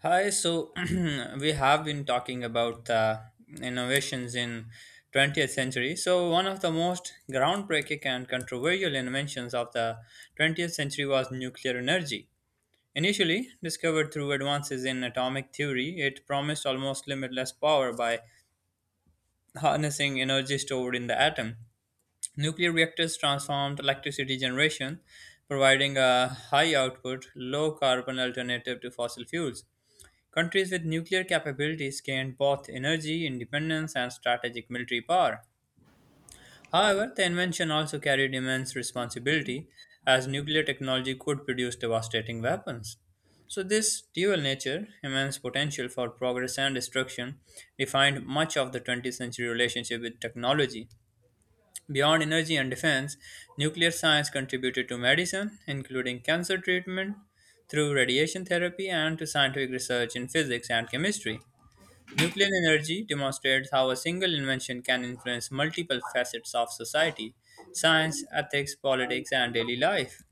Hi, so we have been talking about the innovations in 20th century. So one of the most groundbreaking and controversial inventions of the 20th century was nuclear energy. Initially discovered through advances in atomic theory, it promised almost limitless power by harnessing energy stored in the atom. Nuclear reactors transformed electricity generation, providing a high output, low carbon alternative to fossil fuels. Countries with nuclear capabilities gained both energy independence and strategic military power. However, the invention also carried immense responsibility, as nuclear technology could produce devastating weapons. So, this dual nature, immense potential for progress and destruction, defined much of the 20th century relationship with technology. Beyond energy and defense, nuclear science contributed to medicine, including cancer treatment through radiation therapy, and to scientific research in physics and chemistry. Nuclear energy demonstrates how a single invention can influence multiple facets of society science, ethics, politics, and daily life.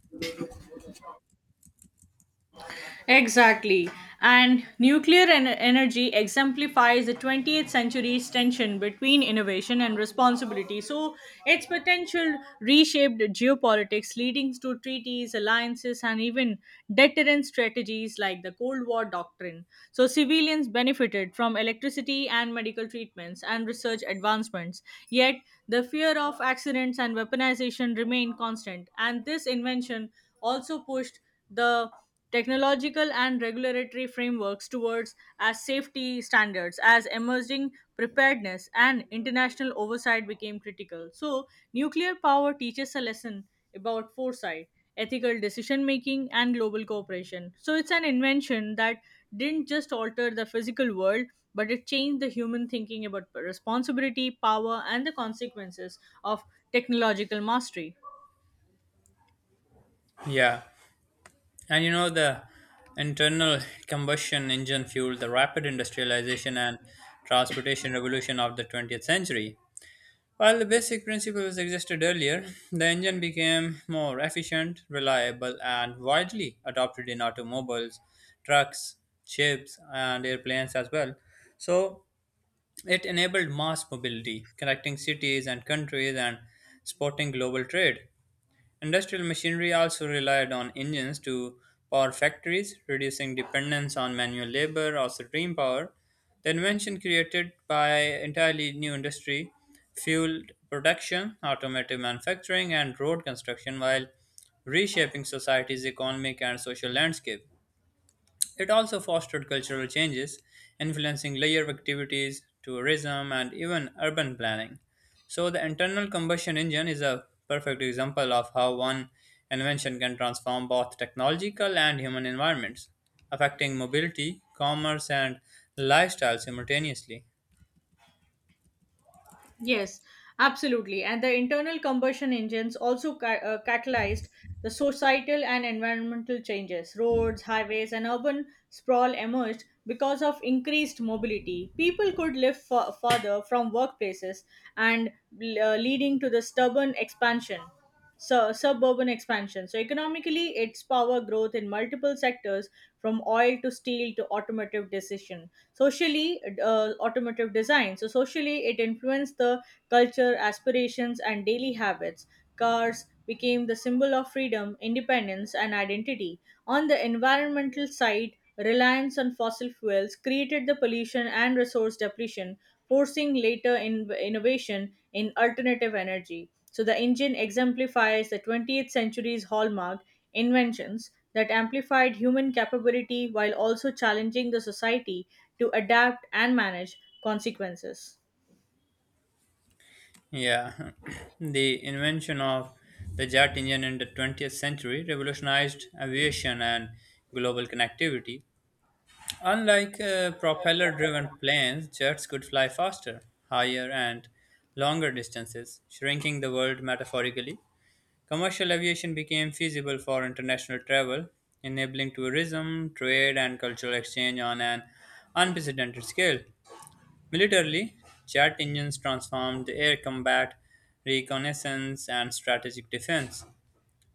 Exactly. And nuclear energy exemplifies the 20th century's tension between innovation and responsibility. So, its potential reshaped geopolitics, leading to treaties, alliances, and even deterrent strategies like the Cold War doctrine. So, civilians benefited from electricity and medical treatments and research advancements. Yet, the fear of accidents and weaponization remained constant. And this invention also pushed the technological and regulatory frameworks towards as safety standards as emerging preparedness and international oversight became critical, so nuclear power teaches a lesson about foresight, ethical decision making, and global cooperation. So it's an invention that didn't just alter the physical world, but it changed the human thinking about responsibility, power, and the consequences of technological mastery. Yeah, and you know, the internal combustion engine fueled the rapid industrialization and transportation revolution of the 20th century. While the basic principles existed earlier, the engine became more efficient, reliable, and widely adopted in automobiles, trucks, ships, and airplanes as well. So, it enabled mass mobility, connecting cities and countries and supporting global trade. Industrial machinery also relied on engines to power factories, reducing dependence on manual labor or steam power. The invention created by entirely new industry fueled production, automotive manufacturing, and road construction while reshaping society's economic and social landscape. It also fostered cultural changes, influencing layer activities, tourism, and even urban planning. So, the internal combustion engine is a perfect example of how one invention can transform both technological and human environments, affecting mobility, commerce, and lifestyle simultaneously. Yes, absolutely. And the internal combustion engines also catalyzed the societal and environmental changes. Roads, highways, and urban sprawl emerged because of increased mobility. People could live farther from workplaces and leading to the stubborn expansion, suburban expansion. So, economically, its power growth in multiple sectors from oil to steel to automotive decision. Socially, automotive design. So, socially, it influenced the culture, aspirations, and daily habits. Cars became the symbol of freedom, independence, and identity. On the environmental side, reliance on fossil fuels created the pollution and resource depletion, forcing later innovation in alternative energy. So the engine exemplifies the 20th century's hallmark inventions that amplified human capability while also challenging the society to adapt and manage consequences. Yeah, the invention of the jet engine in the 20th century revolutionized aviation and global connectivity. Unlike propeller driven planes, jets could fly faster, higher, and longer distances, shrinking the world metaphorically. Commercial aviation became feasible for international travel, enabling tourism, trade, and cultural exchange on an unprecedented scale. Militarily, jet engines transformed the air combat, reconnaissance, and strategic defense.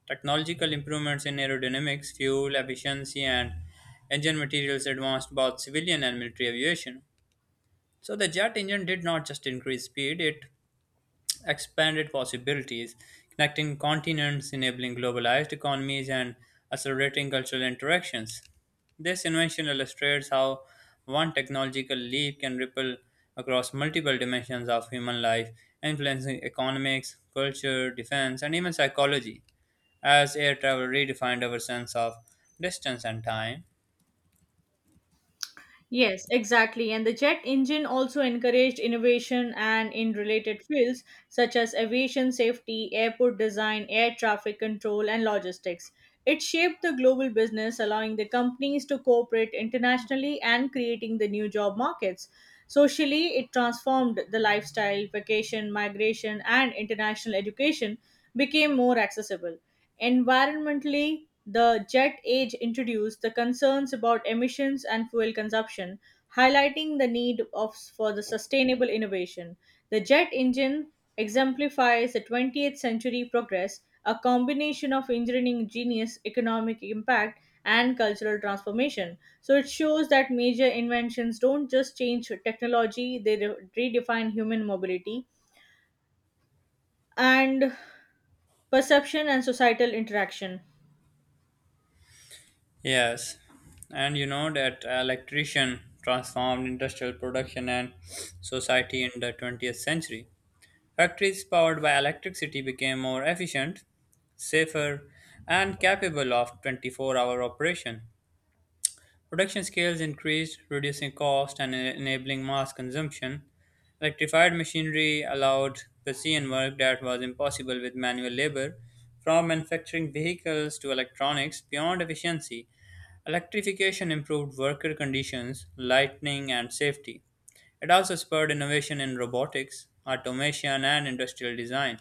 Technological improvements in aerodynamics, fuel efficiency, and engine materials advanced both civilian and military aviation. So the jet engine did not just increase speed, it expanded possibilities, connecting continents, enabling globalized economies, and accelerating cultural interactions. This invention illustrates how one technological leap can ripple across multiple dimensions of human life, influencing economics, culture, defense, and even psychology, as air travel redefined our sense of distance and time. Yes, exactly. And the jet engine also encouraged innovation and in related fields such as aviation safety, airport design, air traffic control, and logistics. It shaped the global business, allowing the companies to cooperate internationally and creating the new job markets. Socially, it transformed the lifestyle, vacation, migration, and international education became more accessible. Environmentally, the jet age introduced the concerns about emissions and fuel consumption, highlighting the need of, for the sustainable innovation. The jet engine exemplifies the 20th century progress, a combination of engineering genius, economic impact, and cultural transformation. So it shows that major inventions don't just change technology, they redefine human mobility and perception and societal interaction. Yes, and you know that electrician transformed industrial production and society in the 20th century. Factories powered by electricity became more efficient, safer, and capable of 24-hour operation. Production scales increased, reducing cost and enabling mass consumption. Electrified machinery allowed precision work that was impossible with manual labor. From manufacturing vehicles to electronics, beyond efficiency, electrification improved worker conditions, lighting, and safety. It also spurred innovation in robotics, automation, and industrial design.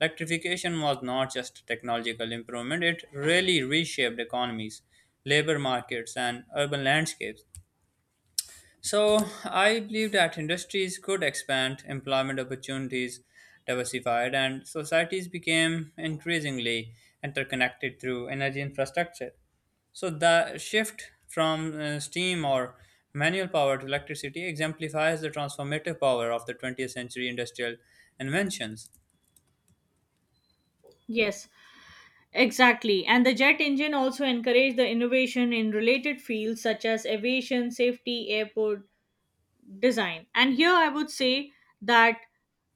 Electrification was not just a technological improvement, it really reshaped economies, labor markets, and urban landscapes. So, I believe that industries could expand, employment opportunities diversified, and societies became increasingly interconnected through energy infrastructure. So, the shift from steam or manual power to electricity exemplifies the transformative power of the 20th century industrial inventions. Yes, exactly. And the jet engine also encouraged the innovation in related fields such as aviation, safety, airport design. And here I would say that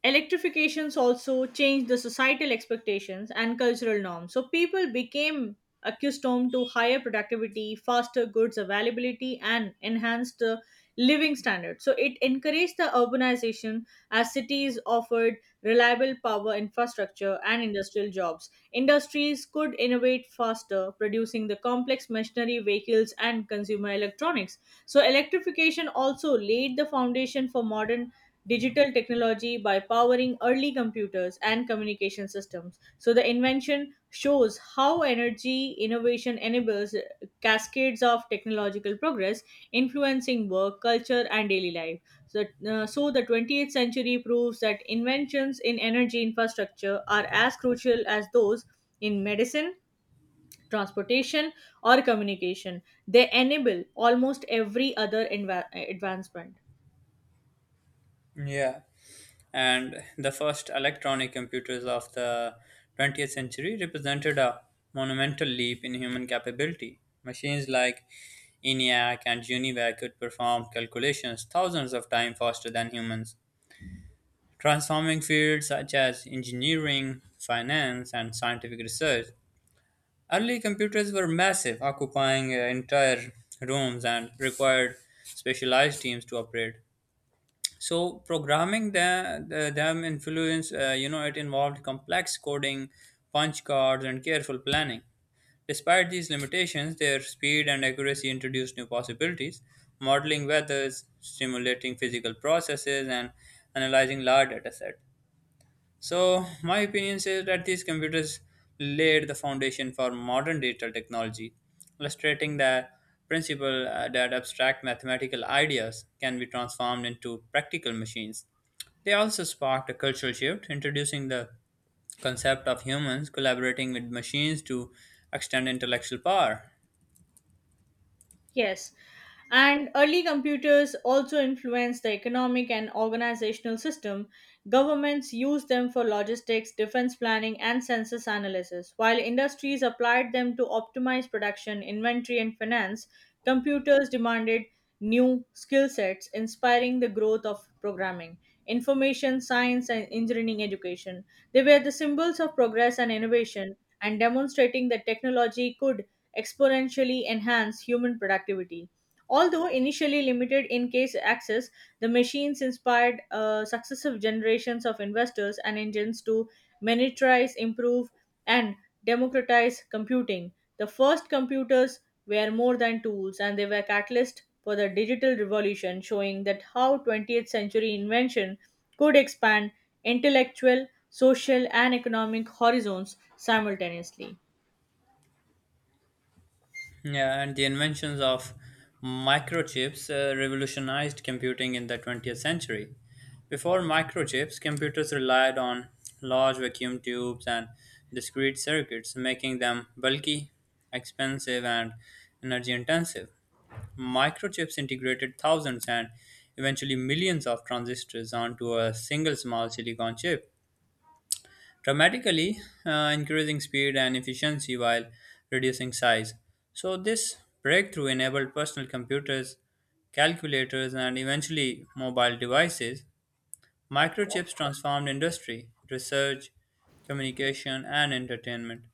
electrifications also changed the societal expectations and cultural norms. So people became accustomed to higher productivity, faster goods availability, and enhanced living standards. So it encouraged the urbanization as cities offered reliable power infrastructure and industrial jobs. Industries could innovate faster, producing the complex machinery, vehicles, and consumer electronics. So, electrification also laid the foundation for modern digital technology by powering early computers and communication systems. So, the invention shows how energy innovation enables cascades of technological progress, influencing work, culture, and daily life. So, so the 20th century proves that inventions in energy infrastructure are as crucial as those in medicine, transportation, or communication. They enable almost every other advancement. Yeah. And the first electronic computers of the 20th century represented a monumental leap in human capability. Machines like ENIAC and UNIVAC could perform calculations thousands of times faster than humans, transforming fields such as engineering, finance, and scientific research. Early computers were massive, occupying entire rooms and required specialized teams to operate. So programming them, it involved complex coding, punch cards, and careful planning. Despite these limitations, their speed and accuracy introduced new possibilities, modeling weathers, simulating physical processes, and analyzing large data sets. So, my opinion says that these computers laid the foundation for modern digital technology, illustrating the principle that abstract mathematical ideas can be transformed into practical machines. They also sparked a cultural shift, introducing the concept of humans collaborating with machines to extend intellectual power. Yes. And early computers also influenced the economic and organizational system. Governments used them for logistics, defense planning, and census analysis, while industries applied them to optimize production, inventory, and finance. Computers demanded new skill sets, inspiring the growth of programming, information science, and engineering education. They were the symbols of progress and innovation, and demonstrating that technology could exponentially enhance human productivity. Although initially limited in case access, the machines inspired successive generations of investors and engines to miniaturize, improve, and democratize computing. The first computers were more than tools, and they were catalysts for the digital revolution, showing that how 20th century invention could expand intellectual, social, and economic horizons simultaneously. Yeah, and the inventions of microchips revolutionized computing in the 20th century. Before microchips, computers relied on large vacuum tubes and discrete circuits, making them bulky, expensive, and energy intensive. Microchips integrated thousands and eventually millions of transistors onto a single small silicon chip, dramatically increasing speed and efficiency while reducing size. So, this breakthrough enabled personal computers, calculators, and eventually mobile devices. Microchips transformed industry, research, communication, and entertainment.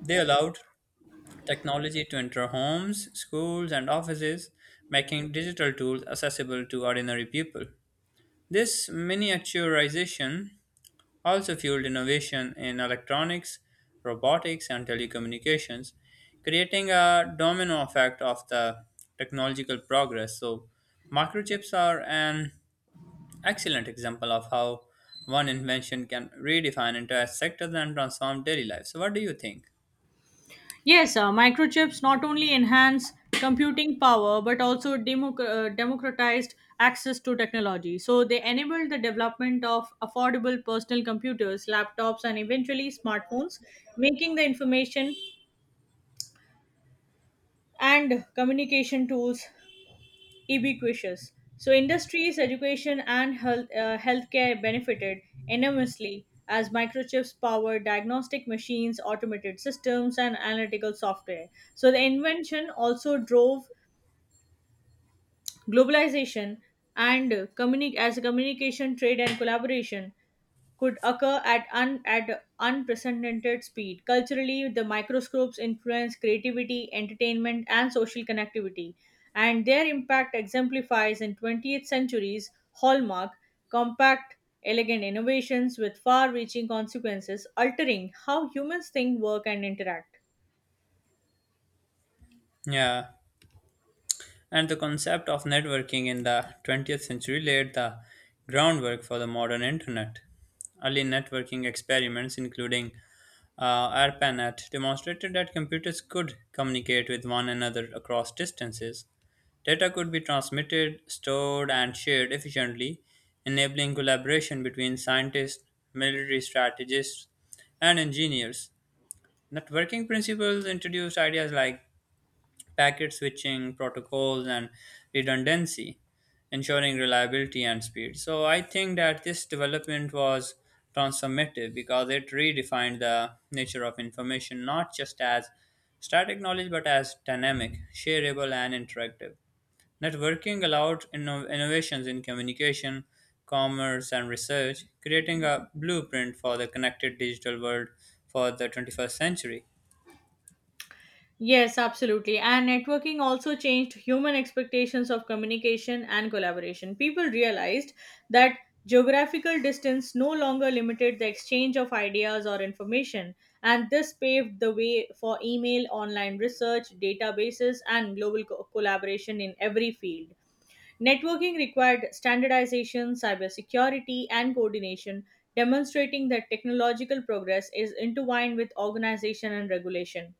They allowed technology to enter homes, schools, and offices, making digital tools accessible to ordinary people. This miniaturization also fueled innovation in electronics, robotics, and telecommunications, creating a domino effect of the technological progress. So, microchips are an excellent example of how one invention can redefine entire sectors and transform daily life. So, what do you think? Yes, microchips not only enhance computing power but also democratized access to technology. So they enabled the development of affordable personal computers, laptops, and eventually smartphones, making the information and communication tools ubiquitous. So industries, education, and healthcare benefited enormously as microchips powered diagnostic machines, automated systems, and analytical software. So the invention also drove globalization and as a communication, trade, and collaboration could occur at unprecedented speed. Culturally, the microscopes influence creativity, entertainment, and social connectivity, and their impact exemplifies in 20th century's hallmark compact, elegant innovations with far reaching consequences, altering how humans think, work, and interact. Yeah, and the concept of networking in the 20th century laid the groundwork for the modern internet. Early networking experiments, including ARPANET, demonstrated that computers could communicate with one another across distances. Data could be transmitted, stored, and shared efficiently, enabling collaboration between scientists, military strategists, and engineers. Networking principles introduced ideas like packet switching protocols and redundancy, ensuring reliability and speed. So I think that this development was transformative because it redefined the nature of information not just as static knowledge but as dynamic, shareable, and interactive. Networking allowed innovations in communication, commerce, and research, creating a blueprint for the connected digital world for the 21st century. Yes, absolutely. And networking also changed human expectations of communication and collaboration. People realized that geographical distance no longer limited the exchange of ideas or information, and this paved the way for email, online research, databases, and global collaboration in every field. Networking required standardization, cybersecurity, and coordination, demonstrating that technological progress is intertwined with organization and regulation.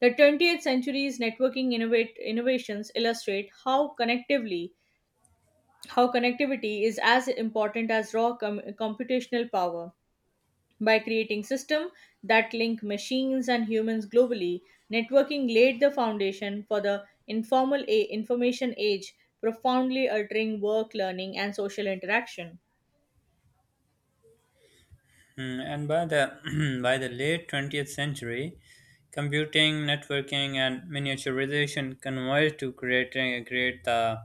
The 20th century's innovations illustrate how connectivity is as important as raw computational power. By creating systems that link machines and humans globally, networking laid the foundation for the information age, profoundly altering work, learning, and social interaction. Mm. And by the by the late 20th century, computing, networking, and miniaturization converged to creating create the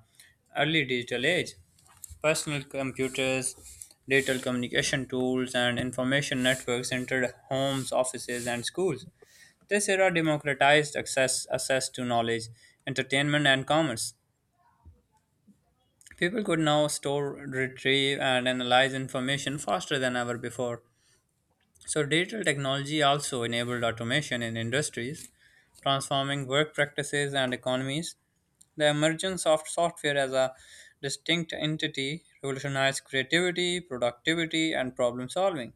early digital age. Personal computers, digital communication tools, and information networks entered homes, offices, and schools. This era democratized access to knowledge, entertainment, and commerce. People could now store, retrieve, and analyze information faster than ever before. So, digital technology also enabled automation in industries, transforming work practices and economies. The emergence of software as a distinct entity revolutionized creativity, productivity, and problem solving.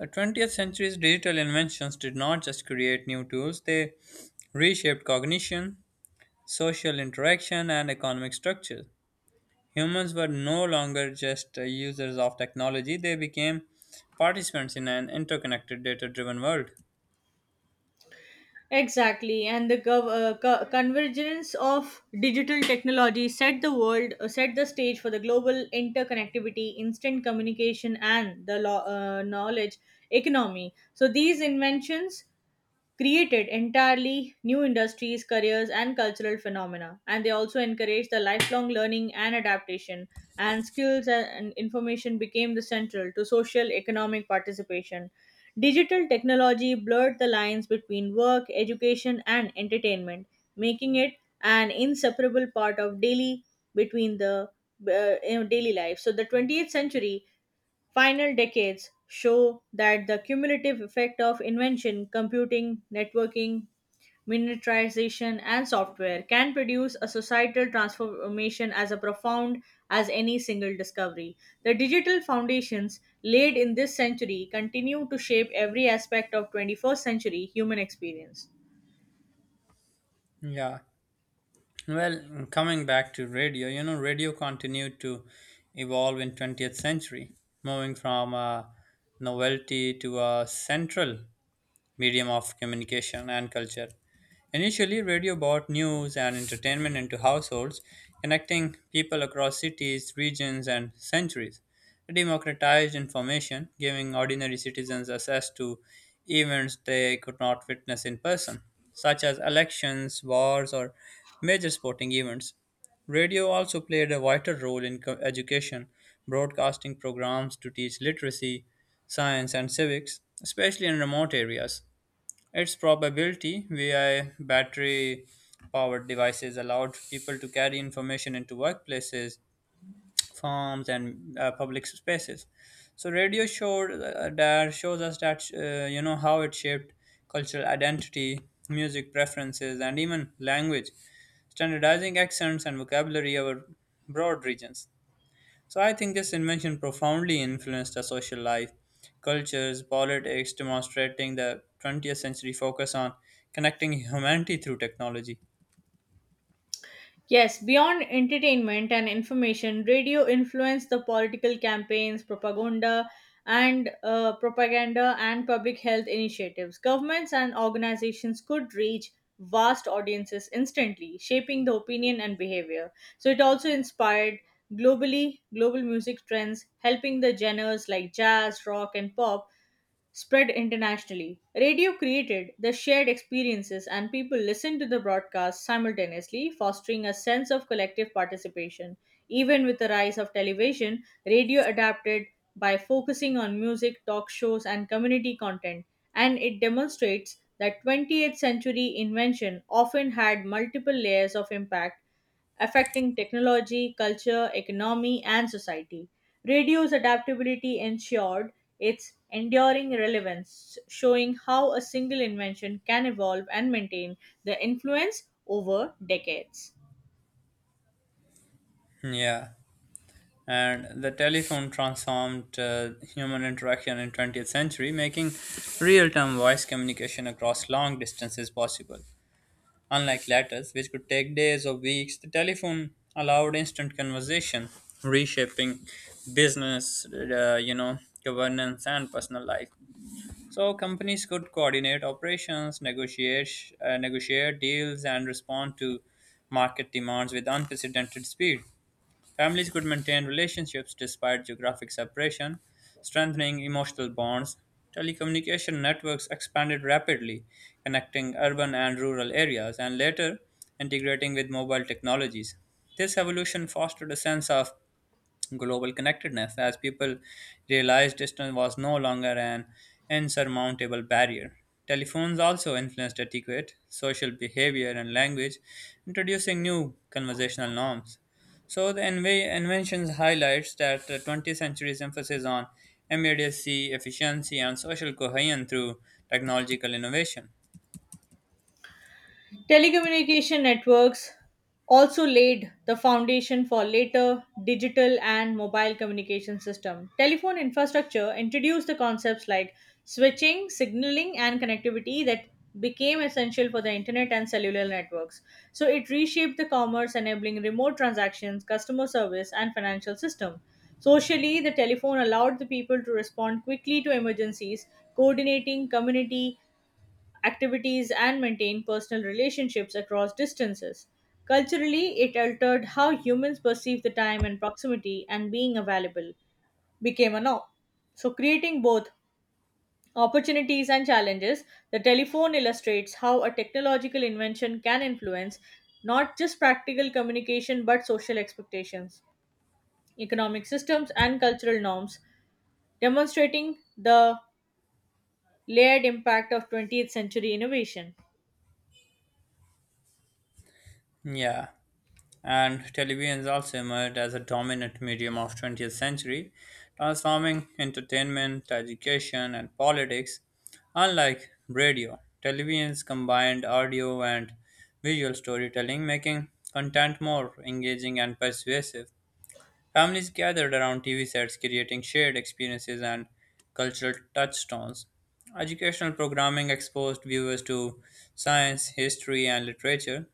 The 20th century's digital inventions did not just create new tools, they reshaped cognition, social interaction, and economic structures. Humans were no longer just users of technology, they became participants in an interconnected, data driven world. Exactly, and the convergence of digital technology set the stage for the global interconnectivity, instant communication, and the knowledge economy. So these inventions created entirely new industries, careers, and cultural phenomena. And they also encouraged the lifelong learning and adaptation, and skills and information became the central to social economic participation. Digital technology blurred the lines between work, education, and entertainment, making it an inseparable part of daily between the you know, daily life. So the 20th century final decades show that the cumulative effect of invention, computing, networking, miniaturization, and software can produce a societal transformation as a profound as any single discovery. The digital foundations laid in this century continue to shape every aspect of 21st century human experience. Yeah. Well, coming back to radio, you know, radio continued to evolve in 20th century, moving from a novelty to a central medium of communication and culture. Initially, radio brought news and entertainment into households, connecting people across cities, regions, and centuries. It democratized information, giving ordinary citizens access to events they could not witness in person, such as elections, wars, or major sporting events. Radio also played a vital role in education, broadcasting programs to teach literacy, science, and civics, especially in remote areas. Its probability via battery powered devices allowed people to carry information into workplaces, farms, and public spaces. So radio showed that shows us that you know how it shaped cultural identity, music preferences, and even language, standardizing accents and vocabulary over broad regions. So I think this invention profoundly influenced the social life, cultures, politics, demonstrating the 20th century focus on connecting humanity through technology. Yes, beyond entertainment and information, radio influenced the political campaigns, propaganda and public health initiatives. Governments and organizations could reach vast audiences instantly, shaping the opinion and behavior. So it also inspired globally global music trends, helping the genres like jazz, rock, and pop spread internationally. Radio created the shared experiences, and people listened to the broadcast simultaneously, fostering a sense of collective participation. Even with the rise of television, radio adapted by focusing on music, talk shows, and community content, and it demonstrates that 20th century invention often had multiple layers of impact affecting technology, culture, economy, and society. Radio's adaptability ensured its enduring relevance, showing how a single invention can evolve and maintain the influence over decades. Yeah, and the telephone transformed human interaction in 20th century, making real-time voice communication across long distances possible. Unlike letters, which could take days or weeks, the telephone allowed instant conversation, reshaping business, governance and personal life. So companies could coordinate operations, negotiate deals, and respond to market demands with unprecedented speed. Families could maintain relationships despite geographic separation, strengthening emotional bonds. Telecommunication networks expanded rapidly, connecting urban and rural areas, and later integrating with mobile technologies. This evolution fostered a sense of global connectedness as people realized distance was no longer an insurmountable barrier. Telephones also influenced etiquette, social behavior, and language, introducing new conversational norms. So the inventions highlights that the 20th century's emphasis on immediacy, efficiency, and social cohesion through technological innovation. Telecommunication networks also laid the foundation for later digital and mobile communication system. Telephone infrastructure introduced the concepts like switching, signaling, and connectivity that became essential for the internet and cellular networks. So it reshaped the commerce enabling remote transactions, customer service, and financial system. Socially, the telephone allowed the people to respond quickly to emergencies, coordinating community activities and maintain personal relationships across distances. Culturally, it altered how humans perceive the time and proximity and being available became a norm. So, creating both opportunities and challenges, the telephone illustrates how a technological invention can influence not just practical communication but social expectations, economic systems, and cultural norms, demonstrating the layered impact of 20th century innovation. Yeah. And televisions also emerged as a dominant medium of 20th century, transforming entertainment, education, and politics. Unlike radio, televisions combined audio and visual storytelling, making content more engaging and persuasive. Families gathered around TV sets, creating shared experiences and cultural touchstones. Educational programming exposed viewers to science, history, and literature,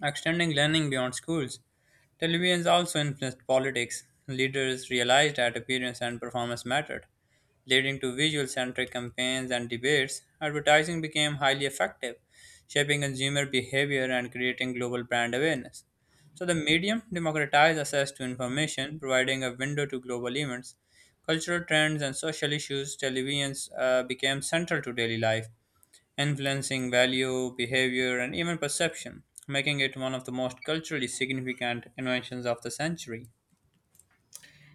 extending learning beyond schools. Televisions also influenced politics. Leaders realized that appearance and performance mattered, leading to visual centric campaigns and debates. Advertising became highly effective, shaping consumer behavior and creating global brand awareness. So, the medium democratized access to information, providing a window to global events, cultural trends, and social issues. Televisions became central to daily life, influencing value, behavior, and even perception, making it one of the most culturally significant inventions of the century.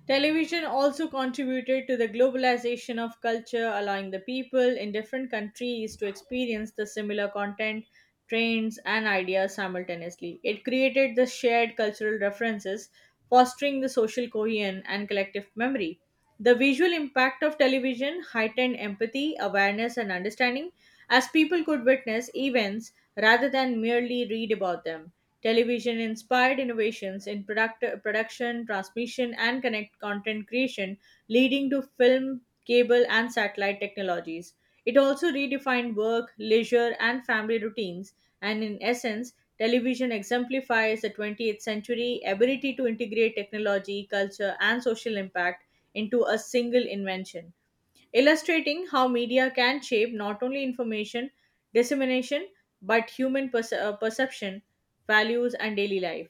Television also contributed to the globalization of culture, allowing the people in different countries to experience the similar content, trends, and ideas simultaneously. It created the shared cultural references, fostering the social cohesion and collective memory. The visual impact of television heightened empathy, awareness, and understanding as people could witness events rather than merely read about them. Television inspired innovations in product, production, transmission, and connect content creation, leading to film, cable, and satellite technologies. It also redefined work, leisure, and family routines, and in essence, television exemplifies the 20th century ability to integrate technology, culture, and social impact into a single invention illustrating how media can shape not only information dissemination but perception, values, and daily life.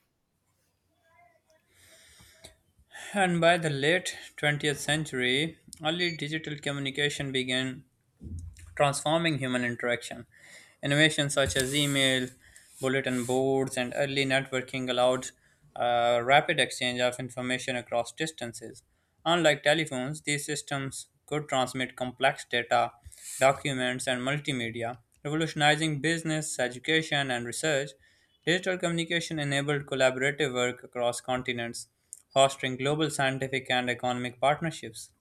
And by the late 20th century, early digital communication began transforming human interaction. Innovations such as email, bulletin boards, and early networking allowed rapid exchange of information across distances. Unlike telephones, these systems could transmit complex data, documents, and multimedia, revolutionizing business, education, and research. Digital communication enabled collaborative work across continents, fostering global scientific and economic partnerships.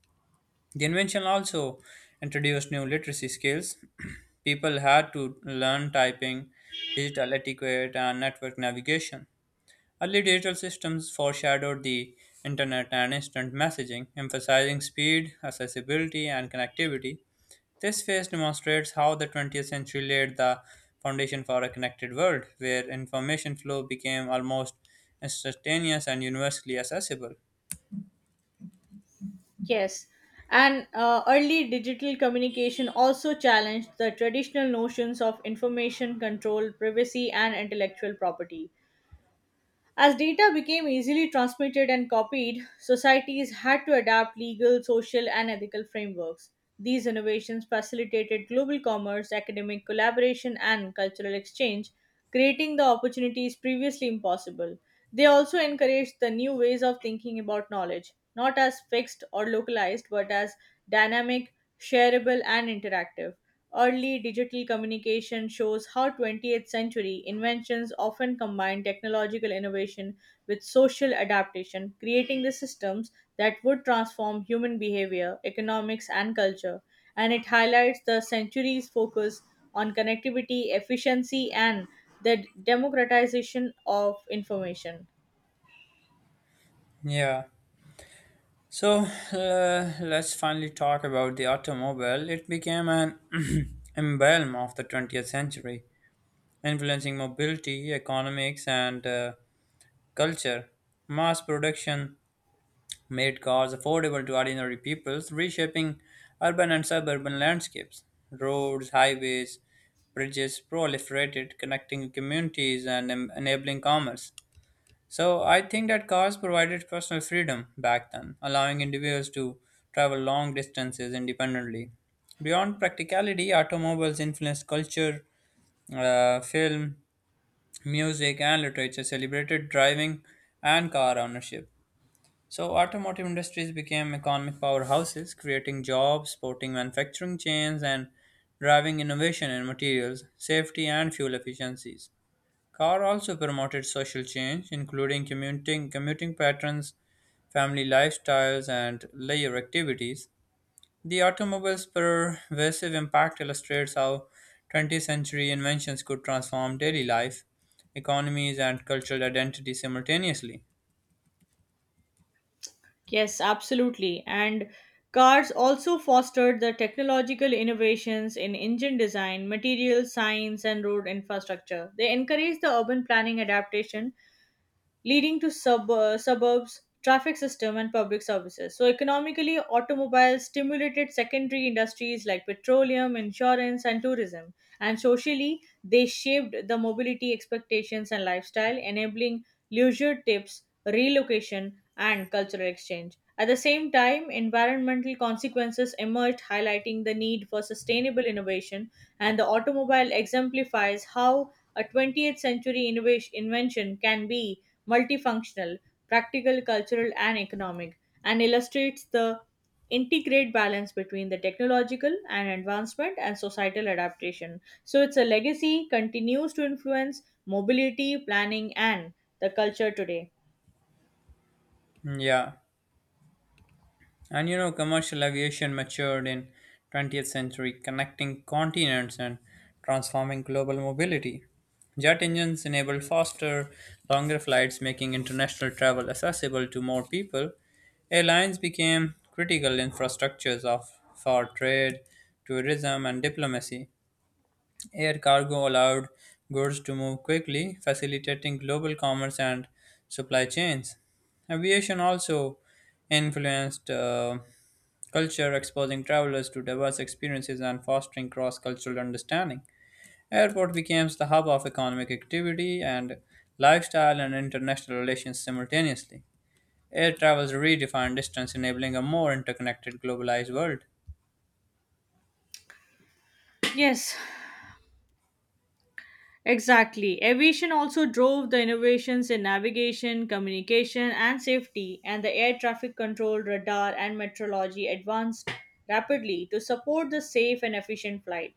The invention also introduced new literacy skills. People had to learn typing, digital etiquette, and network navigation. Early digital systems foreshadowed the internet and instant messaging, emphasizing speed, accessibility, and connectivity. This phase demonstrates how the 20th century laid the foundation for a connected world, where information flow became almost instantaneous and universally accessible. Yes, and early digital communication also challenged the traditional notions of information control, privacy, and intellectual property. As data became easily transmitted and copied, societies had to adapt legal, social, and ethical frameworks. These innovations facilitated global commerce, academic collaboration, and cultural exchange, creating the opportunities previously impossible. They also encouraged the new ways of thinking about knowledge, not as fixed or localized, but as dynamic, shareable, and interactive. Early digital communication shows how 20th century inventions often combine technological innovation with social adaptation, creating the systems that would transform human behavior, economics, and culture. And it highlights the century's focus on connectivity, efficiency, and the democratization of information. Yeah. So let's finally talk about the automobile. It became an emblem of the 20th century, influencing mobility, economics, and culture. Mass production made cars affordable to ordinary peoples, reshaping urban and suburban landscapes. Roads, highways, bridges proliferated, connecting communities and enabling commerce. So I think that cars provided personal freedom back then, allowing individuals to travel long distances independently. Beyond practicality, automobiles influenced culture, film, music, and literature celebrated driving and car ownership. So automotive industries became economic powerhouses, creating jobs, supporting manufacturing chains, and driving innovation in materials, safety, and fuel efficiencies. Carr also promoted social change, including commuting patterns, family lifestyles, and leisure activities. The automobile's pervasive impact illustrates how 20th century inventions could transform daily life, economies, and cultural identity simultaneously. Yes, absolutely. And cars also fostered the technological innovations in engine design, material science, and road infrastructure. They encouraged the urban planning adaptation leading to suburbs, traffic system, and public services. So, economically, automobiles stimulated secondary industries like petroleum, insurance, and tourism. And socially, they shaped the mobility expectations and lifestyle, enabling leisure tips, relocation, and cultural exchange. At the same time, environmental consequences emerged, highlighting the need for sustainable innovation, and the automobile exemplifies how a 20th century invention can be multifunctional, practical, cultural, and economic, and illustrates the integrate balance between the technological and advancement and societal adaptation. So it's a legacy continues to influence mobility, planning, and the culture today. Yeah. And you know, commercial aviation matured in 20th century, connecting continents and transforming global mobility. Jet engines enabled faster, longer flights, making international travel accessible to more people. Airlines became critical infrastructures of, for trade, tourism, and diplomacy. Air cargo allowed goods to move quickly, facilitating global commerce and supply chains. Aviation also influenced culture, exposing travelers to diverse experiences and fostering cross cultural understanding. Airport became the hub of economic activity and lifestyle and international relations simultaneously. Air travel redefined distance, enabling a more interconnected, globalized world. Yes, exactly. Aviation also drove the innovations in navigation, communication, and safety, and the air traffic control, radar, and meteorology advanced rapidly to support the safe and efficient flight.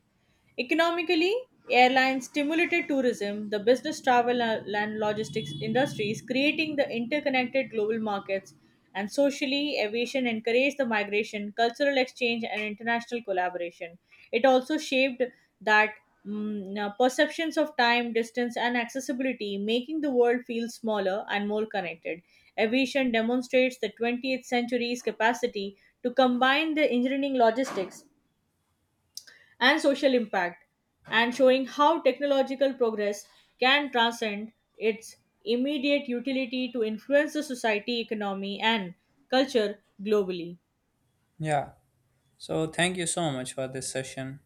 Economically, airlines stimulated tourism, the business travel and logistics industries, creating the interconnected global markets, and socially, aviation encouraged the migration, cultural exchange, and international collaboration. It also shaped that perceptions of time, distance, and accessibility, making the world feel smaller and more connected. Aviation demonstrates the 20th century's capacity to combine the engineering logistics and social impact, and showing how technological progress can transcend its immediate utility to influence the society, economy, and culture globally. Yeah. So, thank you so much for this session.